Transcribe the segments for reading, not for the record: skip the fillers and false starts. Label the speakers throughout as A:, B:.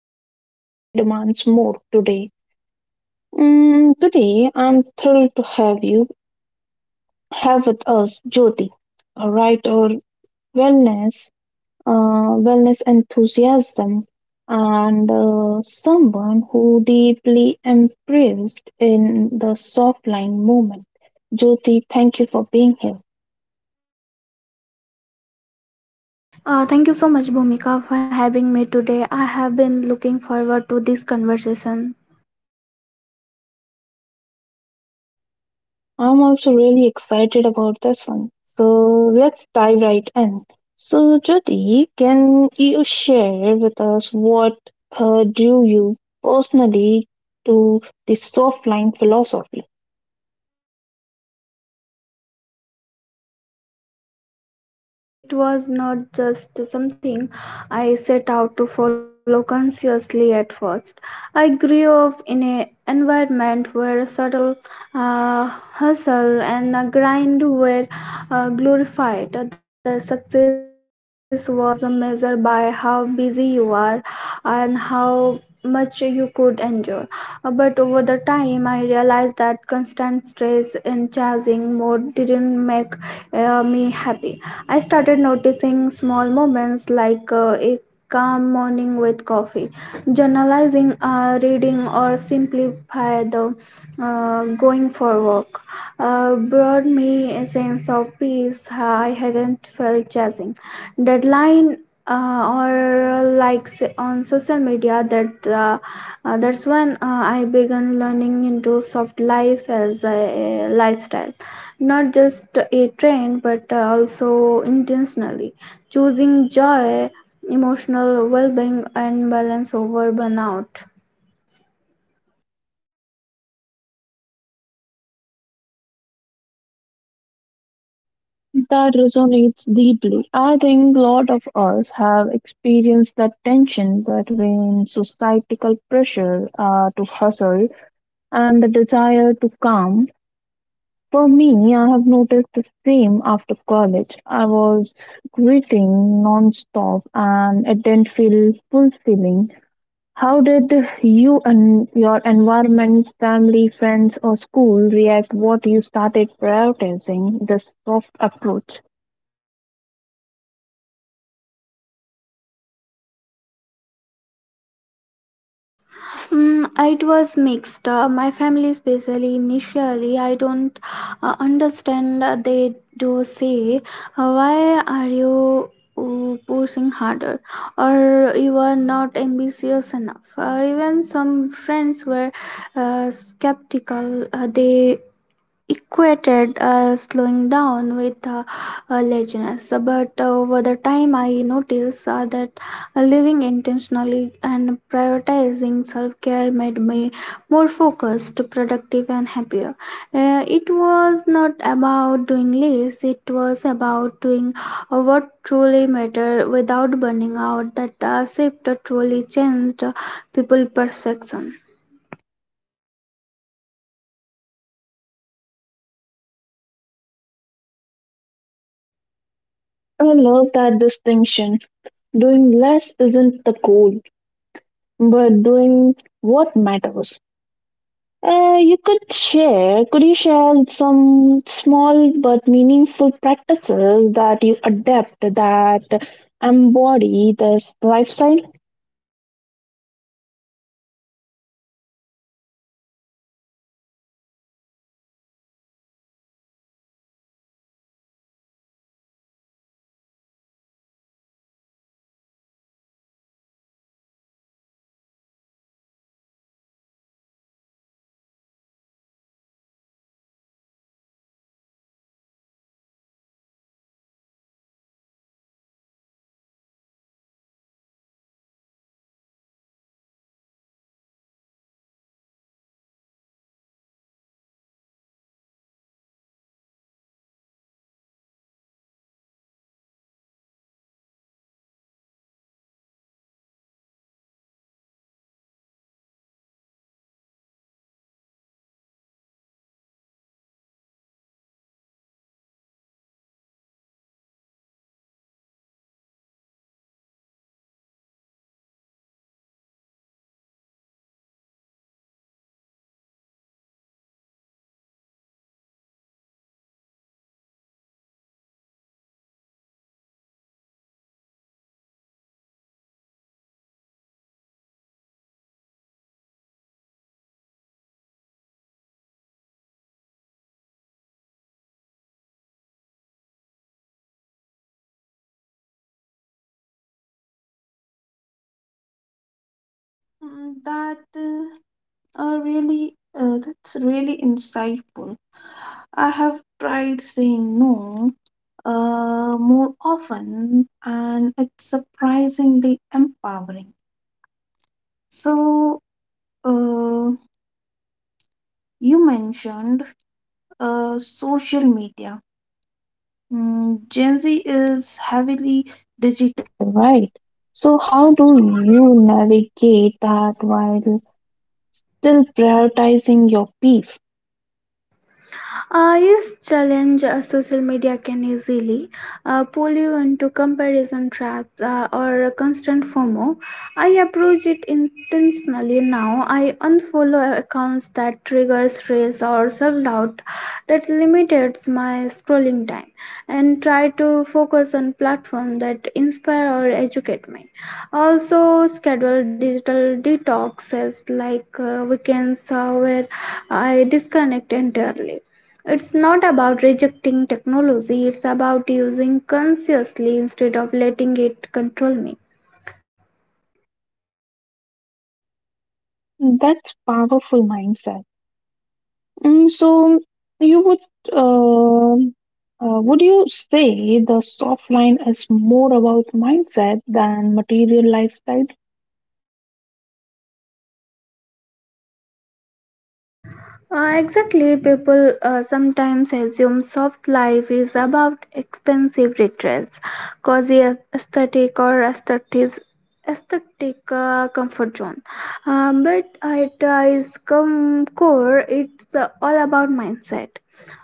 A: that constantly demands more today. Today I'm thrilled to have you have with us Jyoti, a writer, wellness wellness enthusiasm, and someone who deeply embraced in the soft line movement. Jyoti, thank you for being here.
B: Thank you so much, Bhumika, for having me today. I have been looking forward to this conversation.
A: I'm also really excited about this one. So let's dive right in. So Jyoti, can you share with us what drew you personally to the soft line philosophy?
B: Absolutely, for me, it was not just something I set out to follow consciously at first. I grew up in an environment where subtle uh, hustle and the grind were glorified. The success was measured by how busy you are and how much you could endure. But over the time, I realized that constant stress and chasing more didn't make me happy. I started noticing small moments like a calm morning with coffee, journalizing, reading, or simplify the going for walk. Brought me a sense of peace I hadn't felt chasing. Deadline or like on social media that's when I began learning into soft life as a lifestyle, not just a trend, but also intentionally choosing joy, emotional well-being and balance over burnout.
A: That resonates deeply. I think a lot of us have experienced that tension between societal pressure to hustle and the desire to calm. For me, I have noticed the same after college. I was gritting non-stop and it didn't feel fulfilling. How did you and your environment, family, friends, or school react? What you started prioritizing this soft approach?
B: Mm, it was mixed. My family especially initially I don't understand. They do say, why are you pushing harder or you are not ambitious enough. Even some friends were skeptical. They equated slowing down with laziness. But over the time I noticed that living intentionally and prioritizing self-care made me more focused, productive and happier. It was not about doing less, it was about doing what truly mattered without burning out. That shift truly changed people perception.
A: I love that distinction. Doing less isn't the goal, but doing what matters. Could you share some small but meaningful practices that you adapt that embody this lifestyle?
B: Yes, sure. Some practice are simple but have a big impact, like morning rituals like meditation, journaling, and simplified drinking tea without scrolling on my phone. Set a calm tone for the day. I have also become more mindful about commitments. I ask myself if something genuinely aligns with my values before saying yes, and honestly, learned the power of saying no. Or without guilt of social media is tricky. I curate it carefully to avoid the constant comparison. It makes the internal reflection and
A: Mm, That uh, Uh, really, that's really insightful. I have tried saying no more often, and it's surprisingly empowering. So, uh, you mentioned social media. Gen Z is heavily digital, right. So, how do you navigate that while still prioritizing your peace?
B: Yes, challenge. Social media can easily pull you into comparison traps or a constant FOMO. I approach it intentionally now. I unfollow accounts that trigger stress or self doubt, that limits my scrolling time and try to focus on platforms that inspire or educate me. Also, schedule digital detoxes like weekends where I disconnect entirely. It's not about rejecting technology, it's about using consciously instead of letting it control me.
A: That's powerful mindset. Mm, so you uh, would you say the soft line is more about mindset than material lifestyle?
B: Exactly, people sometimes assume soft life is about expensive retreats, cozy aesthetic or aesthetic comfort zone. But at its core, it's all about mindset.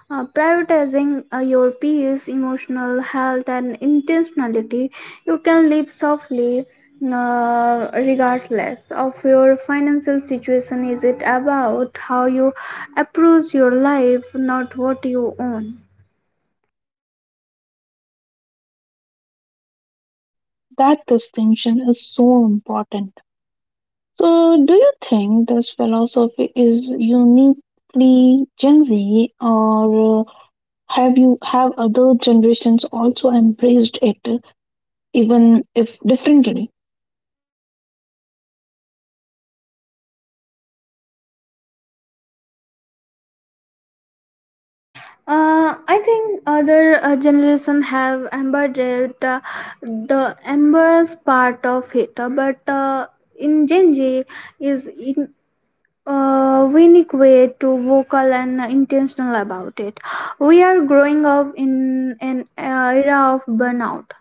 B: Prioritizing your peace, emotional health, and intentionality, you can live softly regardless of your financial situation. Is it about how you approach your life, not what you own.
A: That distinction is so important. So do you think this philosophy is uniquely Gen Z, or have you have other generations also embraced it, even if differently?
B: I think other generation have embedded the embrace part of it, but in gen z is in a unique way to vocal and intentional about it. We are growing up in an era of burnout,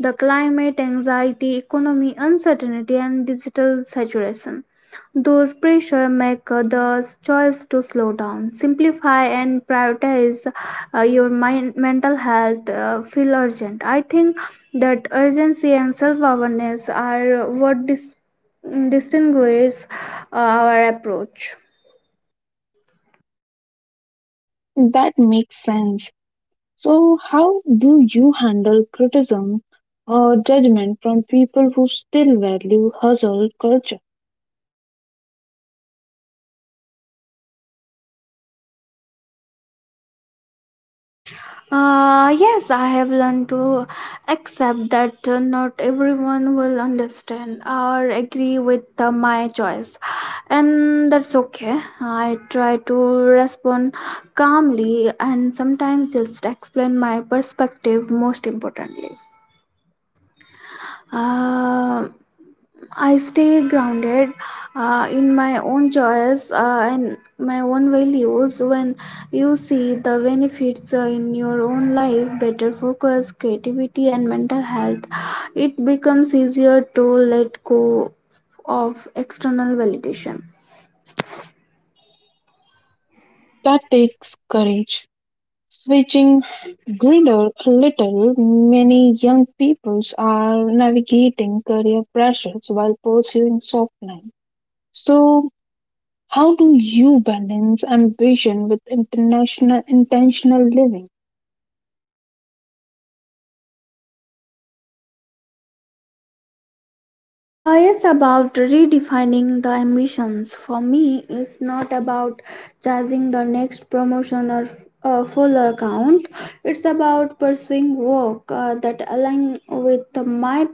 B: the climate anxiety, economy uncertainty, and digital saturation. Those pressure make the choice to slow down, simplify, and prioritize your mind, mental health feel urgent. I think that urgency and self awareness are what distinguishes our approach.
A: That makes sense. So, how do you handle criticism or judgment from people who still value hustle culture?
B: Yes, I have learned to accept that not everyone will understand or agree with my choice, and that's okay. I try to respond calmly and sometimes just explain my perspective. Most importantly, Uh, I stay grounded in my own choice and my own values. When you see the benefits in your own life, better focus, creativity and mental health, it becomes easier to let go of external validation.
A: That takes courage. Switching greater a little, many young peoples are navigating career pressures while pursuing soft softline. So, how do you balance ambition with international intentional living?
B: It's about redefining the ambitions. For me, it's not about chasing the next promotion or a full account. It's about pursuing work that align with my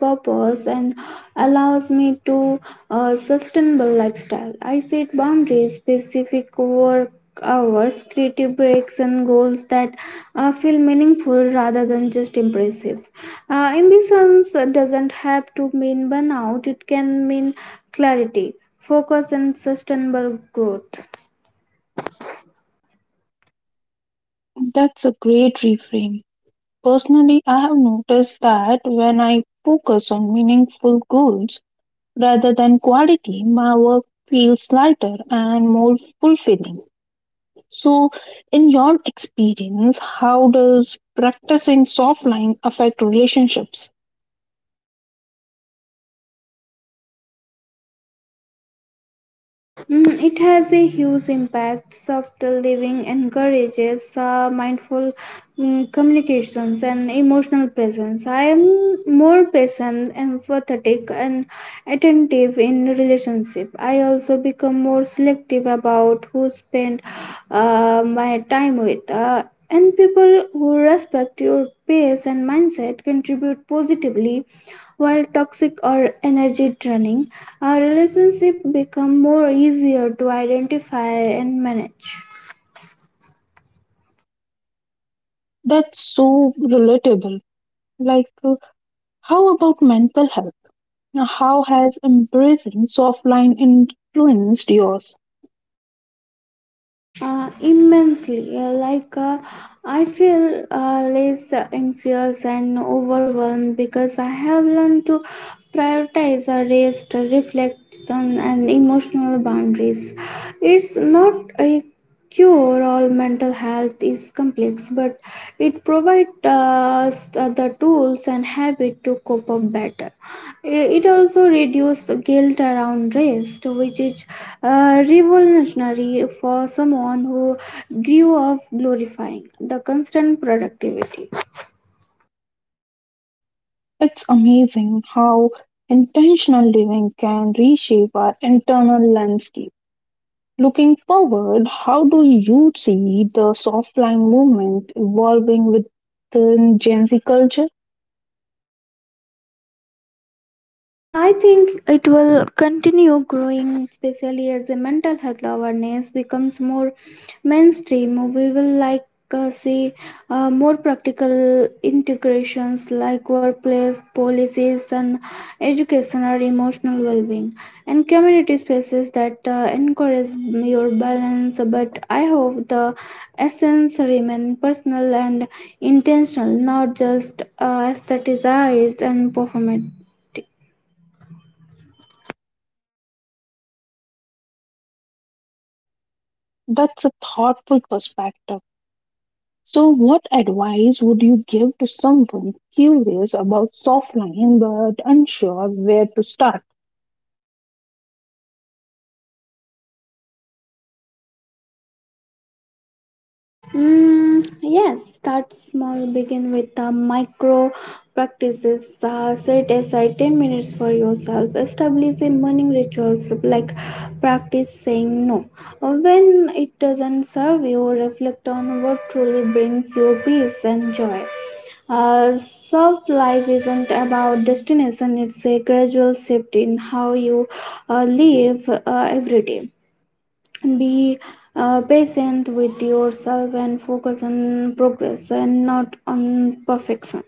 B: purpose and allows me to a sustainable lifestyle. I set boundaries, specific work hours, creative breaks, and goals that feel meaningful rather than just impressive. Ambitions doesn't have to mean burnout; it can mean clarity, focus, and sustainable growth.
A: That's a great reframe. Personally, I have noticed that when I focus on meaningful goals rather than quality, my work feels lighter and more fulfilling. So, in your experience, how does practicing soft line affect relationships?
B: Mm, it has a huge impact. Soft living encourages mindful communications and emotional presence. I am more patient, empathetic, and attentive in relationship. I also become more selective about who spend my time with. And people who respect your pace and mindset contribute positively, while toxic or energy draining our relationship become more easier to identify and manage.
A: That's so relatable. Like, uh, how about mental health? Now, how has embracing soft line influenced yours?
B: Immensely. Like, I feel less anxious and overwhelmed because I have learned to prioritize a rest, reflection, and emotional boundaries. It's not a cure all. Mental health is complex, but it provides us the tools and habit to cope up better. Eh, it also reduces the guilt around rest, which is revolutionary for someone who grew up glorifying the constant productivity.
A: It's amazing how intentional living can reshape our internal landscape. Looking forward, how do you see the soft line movement evolving within Gen Z culture?
B: I think it will continue growing, especially as the mental health awareness becomes more mainstream. We will like see more practical integrations like workplace policies and education or emotional well-being and community spaces that encourage your balance. But I hope the essence remain personal and intentional, not just aestheticized and performative.
A: That's a thoughtful perspective. So, what advice would you give to someone curious about soft line but unsure where to start?
B: Mm, yes, start small. Begin with the micro practices. Set aside 10 minutes for yourself. Establish a morning rituals like practice saying no. When it doesn't serve you, reflect on what truly brings you peace and joy. Soft life isn't about destination, it's a gradual shift in how you live every day. Be patient with yourself and focus on progress and not on perfection.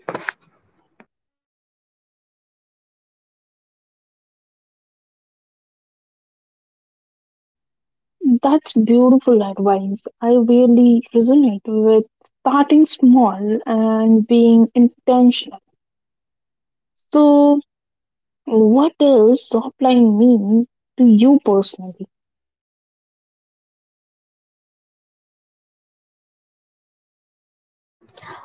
A: That's beautiful advice. I really resonate with starting small and being intentional. So, what does softline mean to you personally?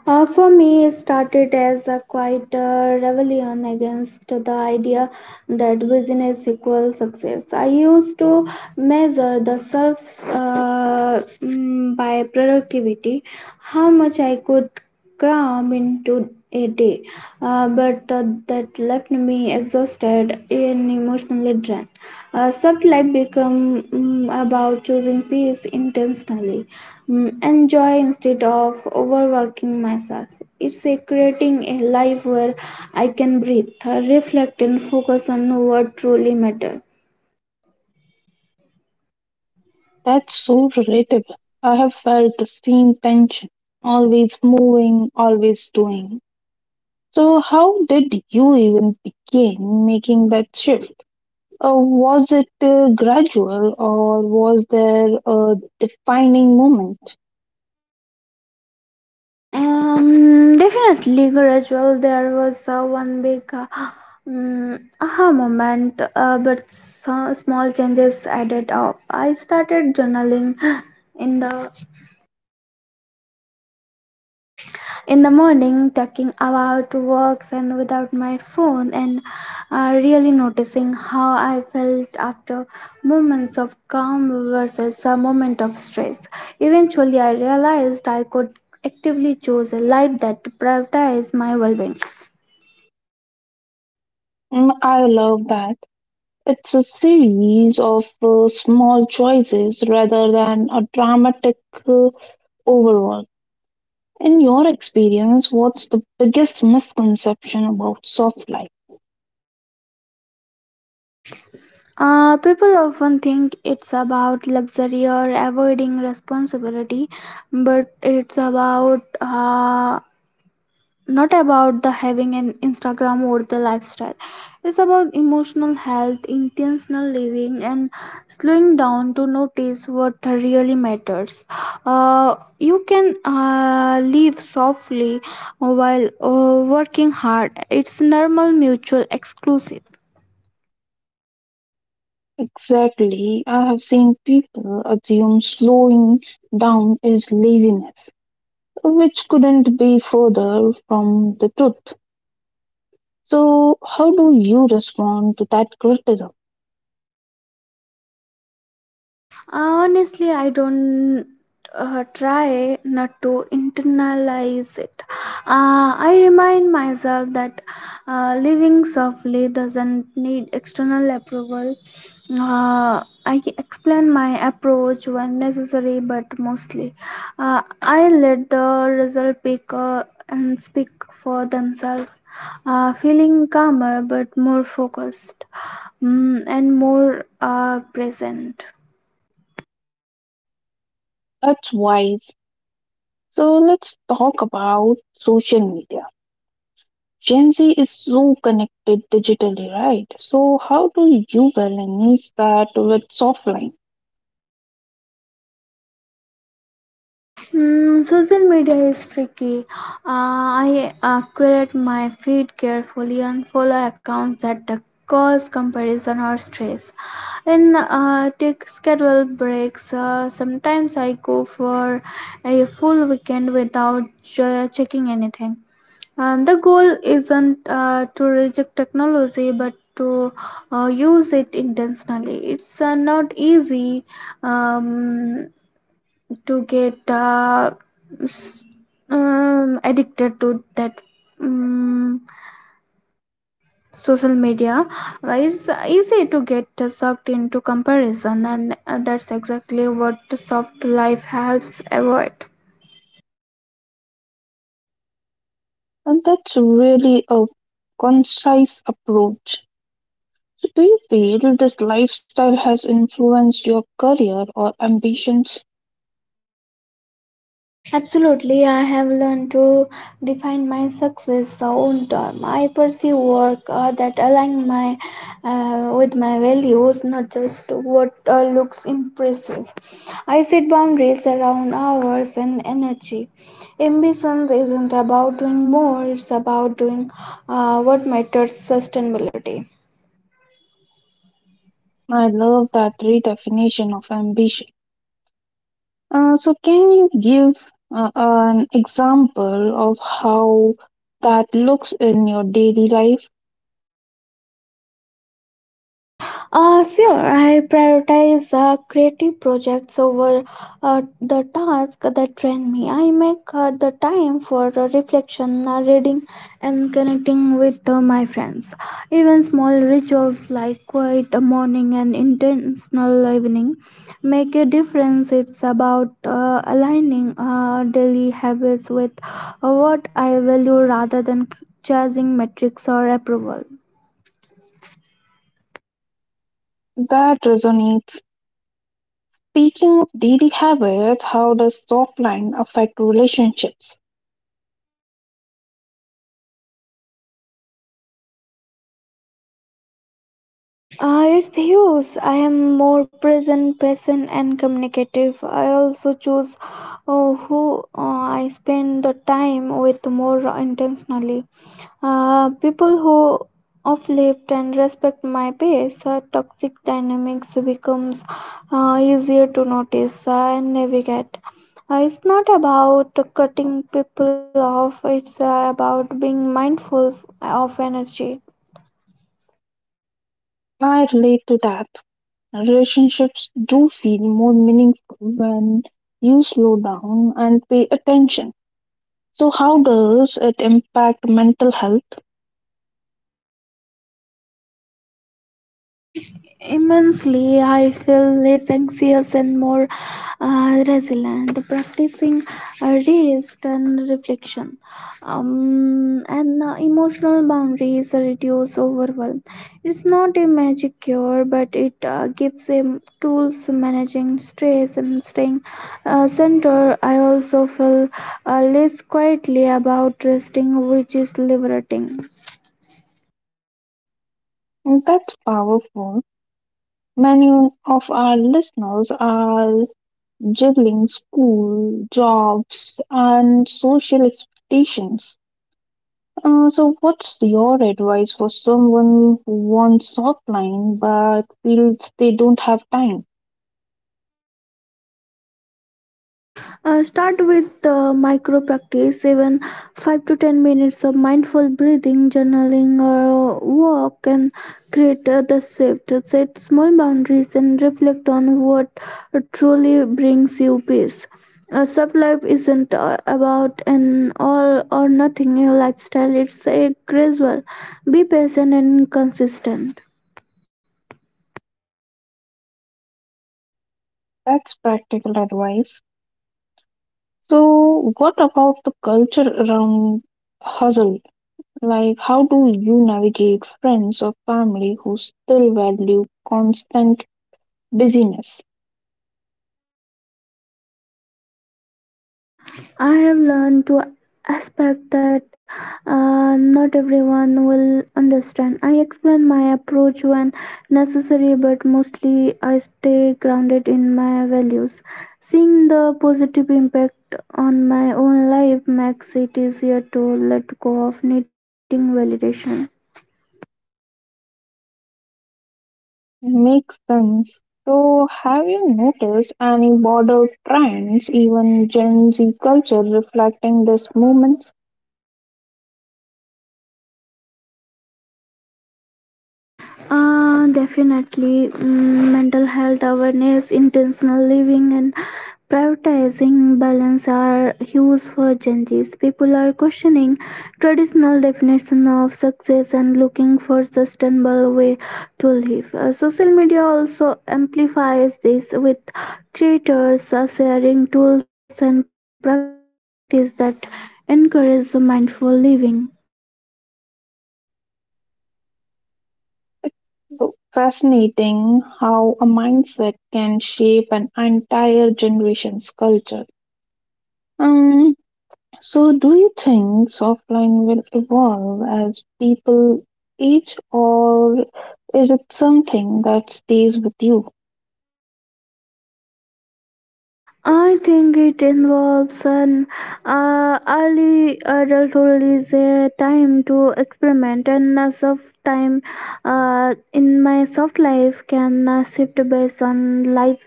B: For me, it started as a quiet rebellion against the idea that business equals success. I used to measure the self by productivity, how much I could cram into a day, but that left me exhausted and emotionally drained. Soft life became about choosing peace intentionally, enjoy instead of overworking myself. It's a creating a life where I can breathe, reflect, and focus on what truly matters.
A: That's so relatable. I have felt the same tension, always moving, always doing. So, how did you even begin making that shift? Was it gradual, or was there a defining moment?
B: Definitely gradual. There was one big aha moment, but some small changes added up. I started journaling in the in the morning talking about works and without my phone, and really noticing how I felt after moments of calm versus a moment of stress. Eventually I realized I could actively choose a life that prioritizes my well-being.
A: I love that. It's a series of small choices rather than a dramatic uh, overall. In your experience, what's the biggest misconception about soft life?
B: People often think it's about luxury or avoiding responsibility, but it's about not about the having an Instagram or the lifestyle. It's about emotional health, intentional living and slowing down to notice what really matters. You can live softly while working hard. It's normal mutual exclusive.
A: Exactly. I have seen people assume slowing down is laziness, which couldn't be further from the truth. So, how do you respond to that criticism?
B: Honestly I don't try not to internalize it. I remind myself that living softly doesn't need external approval. I explain my approach when necessary, but mostly I let the result pick and speak for themselves, feeling calmer but more focused, and more present.
A: That's wise. So, let's talk about social media. Gen Z is so connected digitally, right? So how do you balance that with softline?
B: Mm, social media is tricky. I curate my feed carefully and follow accounts that cause comparison or stress. And take schedule breaks. Sometimes I go for a full weekend without checking anything. The goal isn't to reject technology, but to use it intentionally. It's not easy. Um, to get s- addicted to that um, social media. Why it's easy to get sucked into comparison, and that's exactly what soft life helps avoid.
A: And that's really a concise approach. So do you feel this lifestyle has influenced your career or ambitions?
B: Absolutely, I have learned to define my success own term. I pursue work that align my with my values, not just what looks impressive. I set boundaries around hours and energy. Ambition isn't about doing more, it's about doing what matters sustainability.
A: I love that redefinition of ambition. So can you give an example of how that looks in your daily life
B: Sure, I prioritize creative projects over the tasks that train me. I make the time for reflection, reading, and connecting with my friends. Even small rituals like quiet morning and intentional evening make a difference. It's about aligning daily habits with what I value rather than chasing metrics or approval.
A: that resonates? Speaking of daily habits, how does soft line affect relationships?
B: It's huge. I am more present, patient, and communicative. I also choose who I spend the time with more intentionally. People who uplift and respect my pace, toxic dynamics becomes easier to notice and navigate. It's not about cutting people off. It's about being mindful of energy.
A: I relate to that. Relationships do feel more meaningful when you slow down and pay attention. So, how does it impact mental health?
B: Immensely, I feel less anxious and more resilient, practicing rest and reflection. And emotional boundaries reduce overwhelm. It's not a magic cure, but it gives a tools to managing stress and staying centered. I also feel less quietly about resting, which is liberating.
A: That's powerful. Many of our listeners are juggling school, jobs, and social expectations. So, what's your advice for someone who wants offline but feels they don't have time?
B: Start with micro practice, even 5 to 10 minutes of mindful breathing, journaling, or walk can create the shift. Set small boundaries and reflect on what truly brings you peace. Self life isn't about an all or nothing lifestyle, it's a gradual. Be patient and consistent.
A: That's practical advice. So, what about the culture around hustle? Like, how do you navigate friends or family who still value constant busyness?
B: I have learned to expect that not everyone will understand. I explain my approach when necessary, but mostly I stay grounded in my values. Seeing the positive impact on my own life makes it easier to let go of needing validation.
A: Makes sense. So, have you noticed any broader trends, even Gen Z culture, reflecting this movement?
B: Definitely, mm, mental health awareness, intentional living, and prioritizing balance are huge for Gen Zs. People are questioning traditional definition of success and looking for sustainable way to live. Social media also amplifies this with creators sharing tools and practice that encourage mindful living.
A: Fascinating how a mindset can shape an entire generation's culture. Um, so, do you think softline will evolve as people age, or is it something that stays with you?
B: I think it involves an early adulthood is a time to experiment, and a soft time in my soft life can shift based on life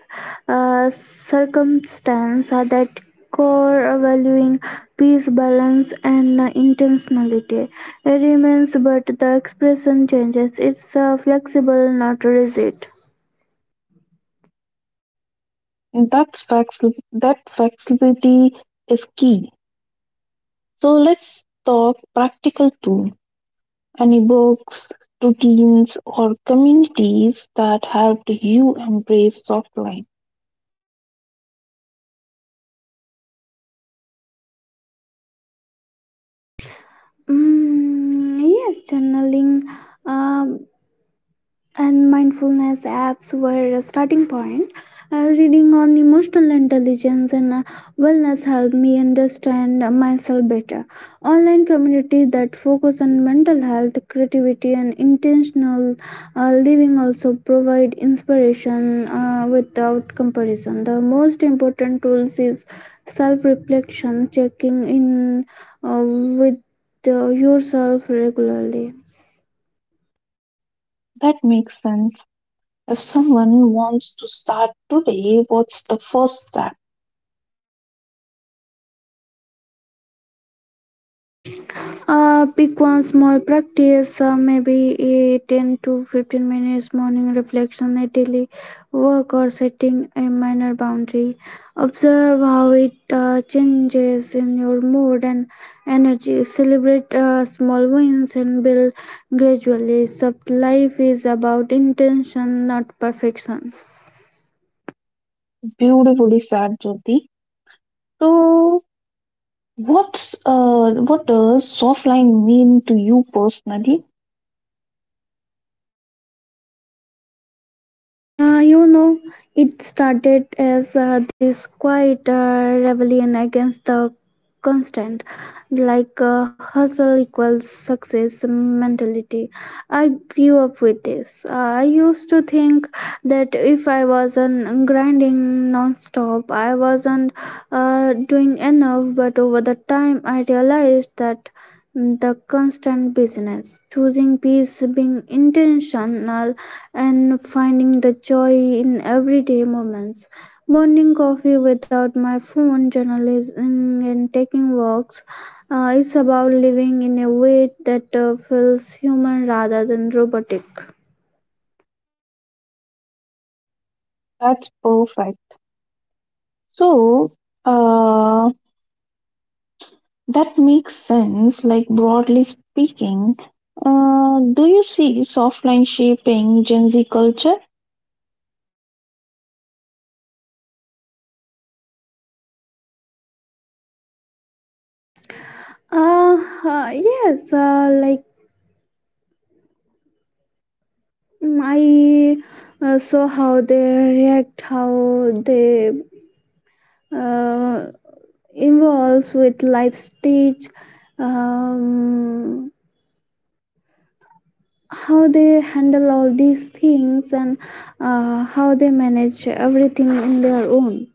B: circumstance that core valuing peace, balance, and intentionality remains, but the expression changes. It's flexible, not rigid.
A: And that flexibility is key. So, let's talk practical tool. Any books, routines, or communities that helped you embrace softline?
B: Mm, yes, journaling. Um, and mindfulness apps were a starting point. Reading on emotional intelligence and wellness helped me understand myself better. Online communities that focus on mental health, creativity, and intentional living also provide inspiration without comparison. The most important tools is self-reflection, checking in with yourself regularly.
A: That makes sense. If someone wants to start today, what's the first step?
B: Pick one small practice, maybe a 10 to 15 minutes morning reflection, a daily work, or setting a minor boundary. Observe how it changes in your mood and energy. Celebrate small wins and build gradually. Sub life is about intention, not perfection.
A: Beautifully said, Jyoti. So, what does softline mean to you personally?
B: You know, it started as this quiet rebellion against the constant, like hustle equals success mentality. I grew up with this. I used to think that if I wasn't grinding non-stop, I wasn't doing enough. But over the time, I realized that the constant business, choosing peace, being intentional and finding the joy in everyday moments. Morning coffee without my phone, journalism, and taking walks is about living in a way that feels human rather than robotic.
A: That's perfect. So, uh, that makes sense. Like broadly speaking, do you see softline shaping Gen Z culture?
B: Uh, yes, like mm, I saw how they react, how they uh, involves with life stage. Um, how they handle all these things and how they manage everything in their own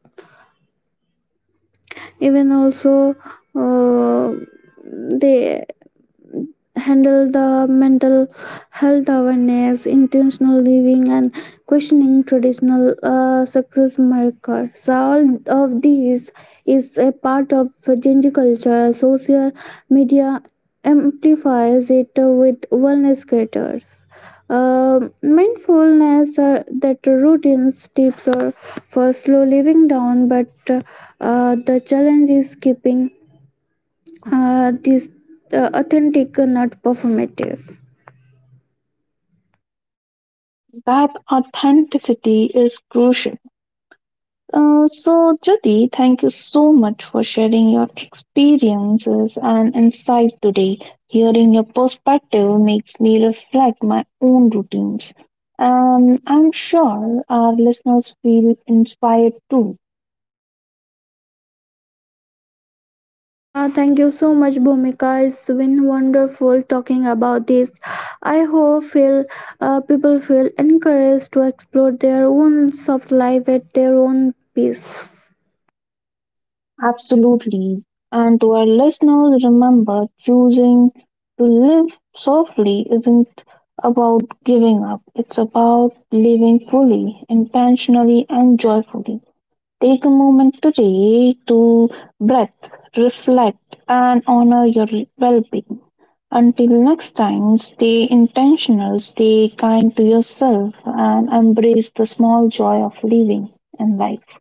B: even also uh, they handle the mental health awareness, intentional living, and questioning traditional success markers. So all of these is a part of Gen Z culture. Social media amplifies it with wellness creators. Mindfulness that routines tips are for slow living down but the challenge is keeping this authentic not performative.
A: That authenticity is crucial. So, Jyoti, thank you so much for sharing your experiences and insight today. Hearing your perspective makes me reflect my own routines. And I'm sure our listeners feel inspired too.
B: Thank you so much, Bhumika. It's been wonderful talking about this. I hope feel people feel encouraged to explore their own soft life at their own pace.
A: Absolutely. And to our listeners, remember choosing to live softly isn't about giving up, it's about living fully, intentionally, and joyfully. Take a moment today to breathe, reflect, and honor your well being. Until next time, stay intentional, stay kind to yourself, and embrace the small joy of living and life.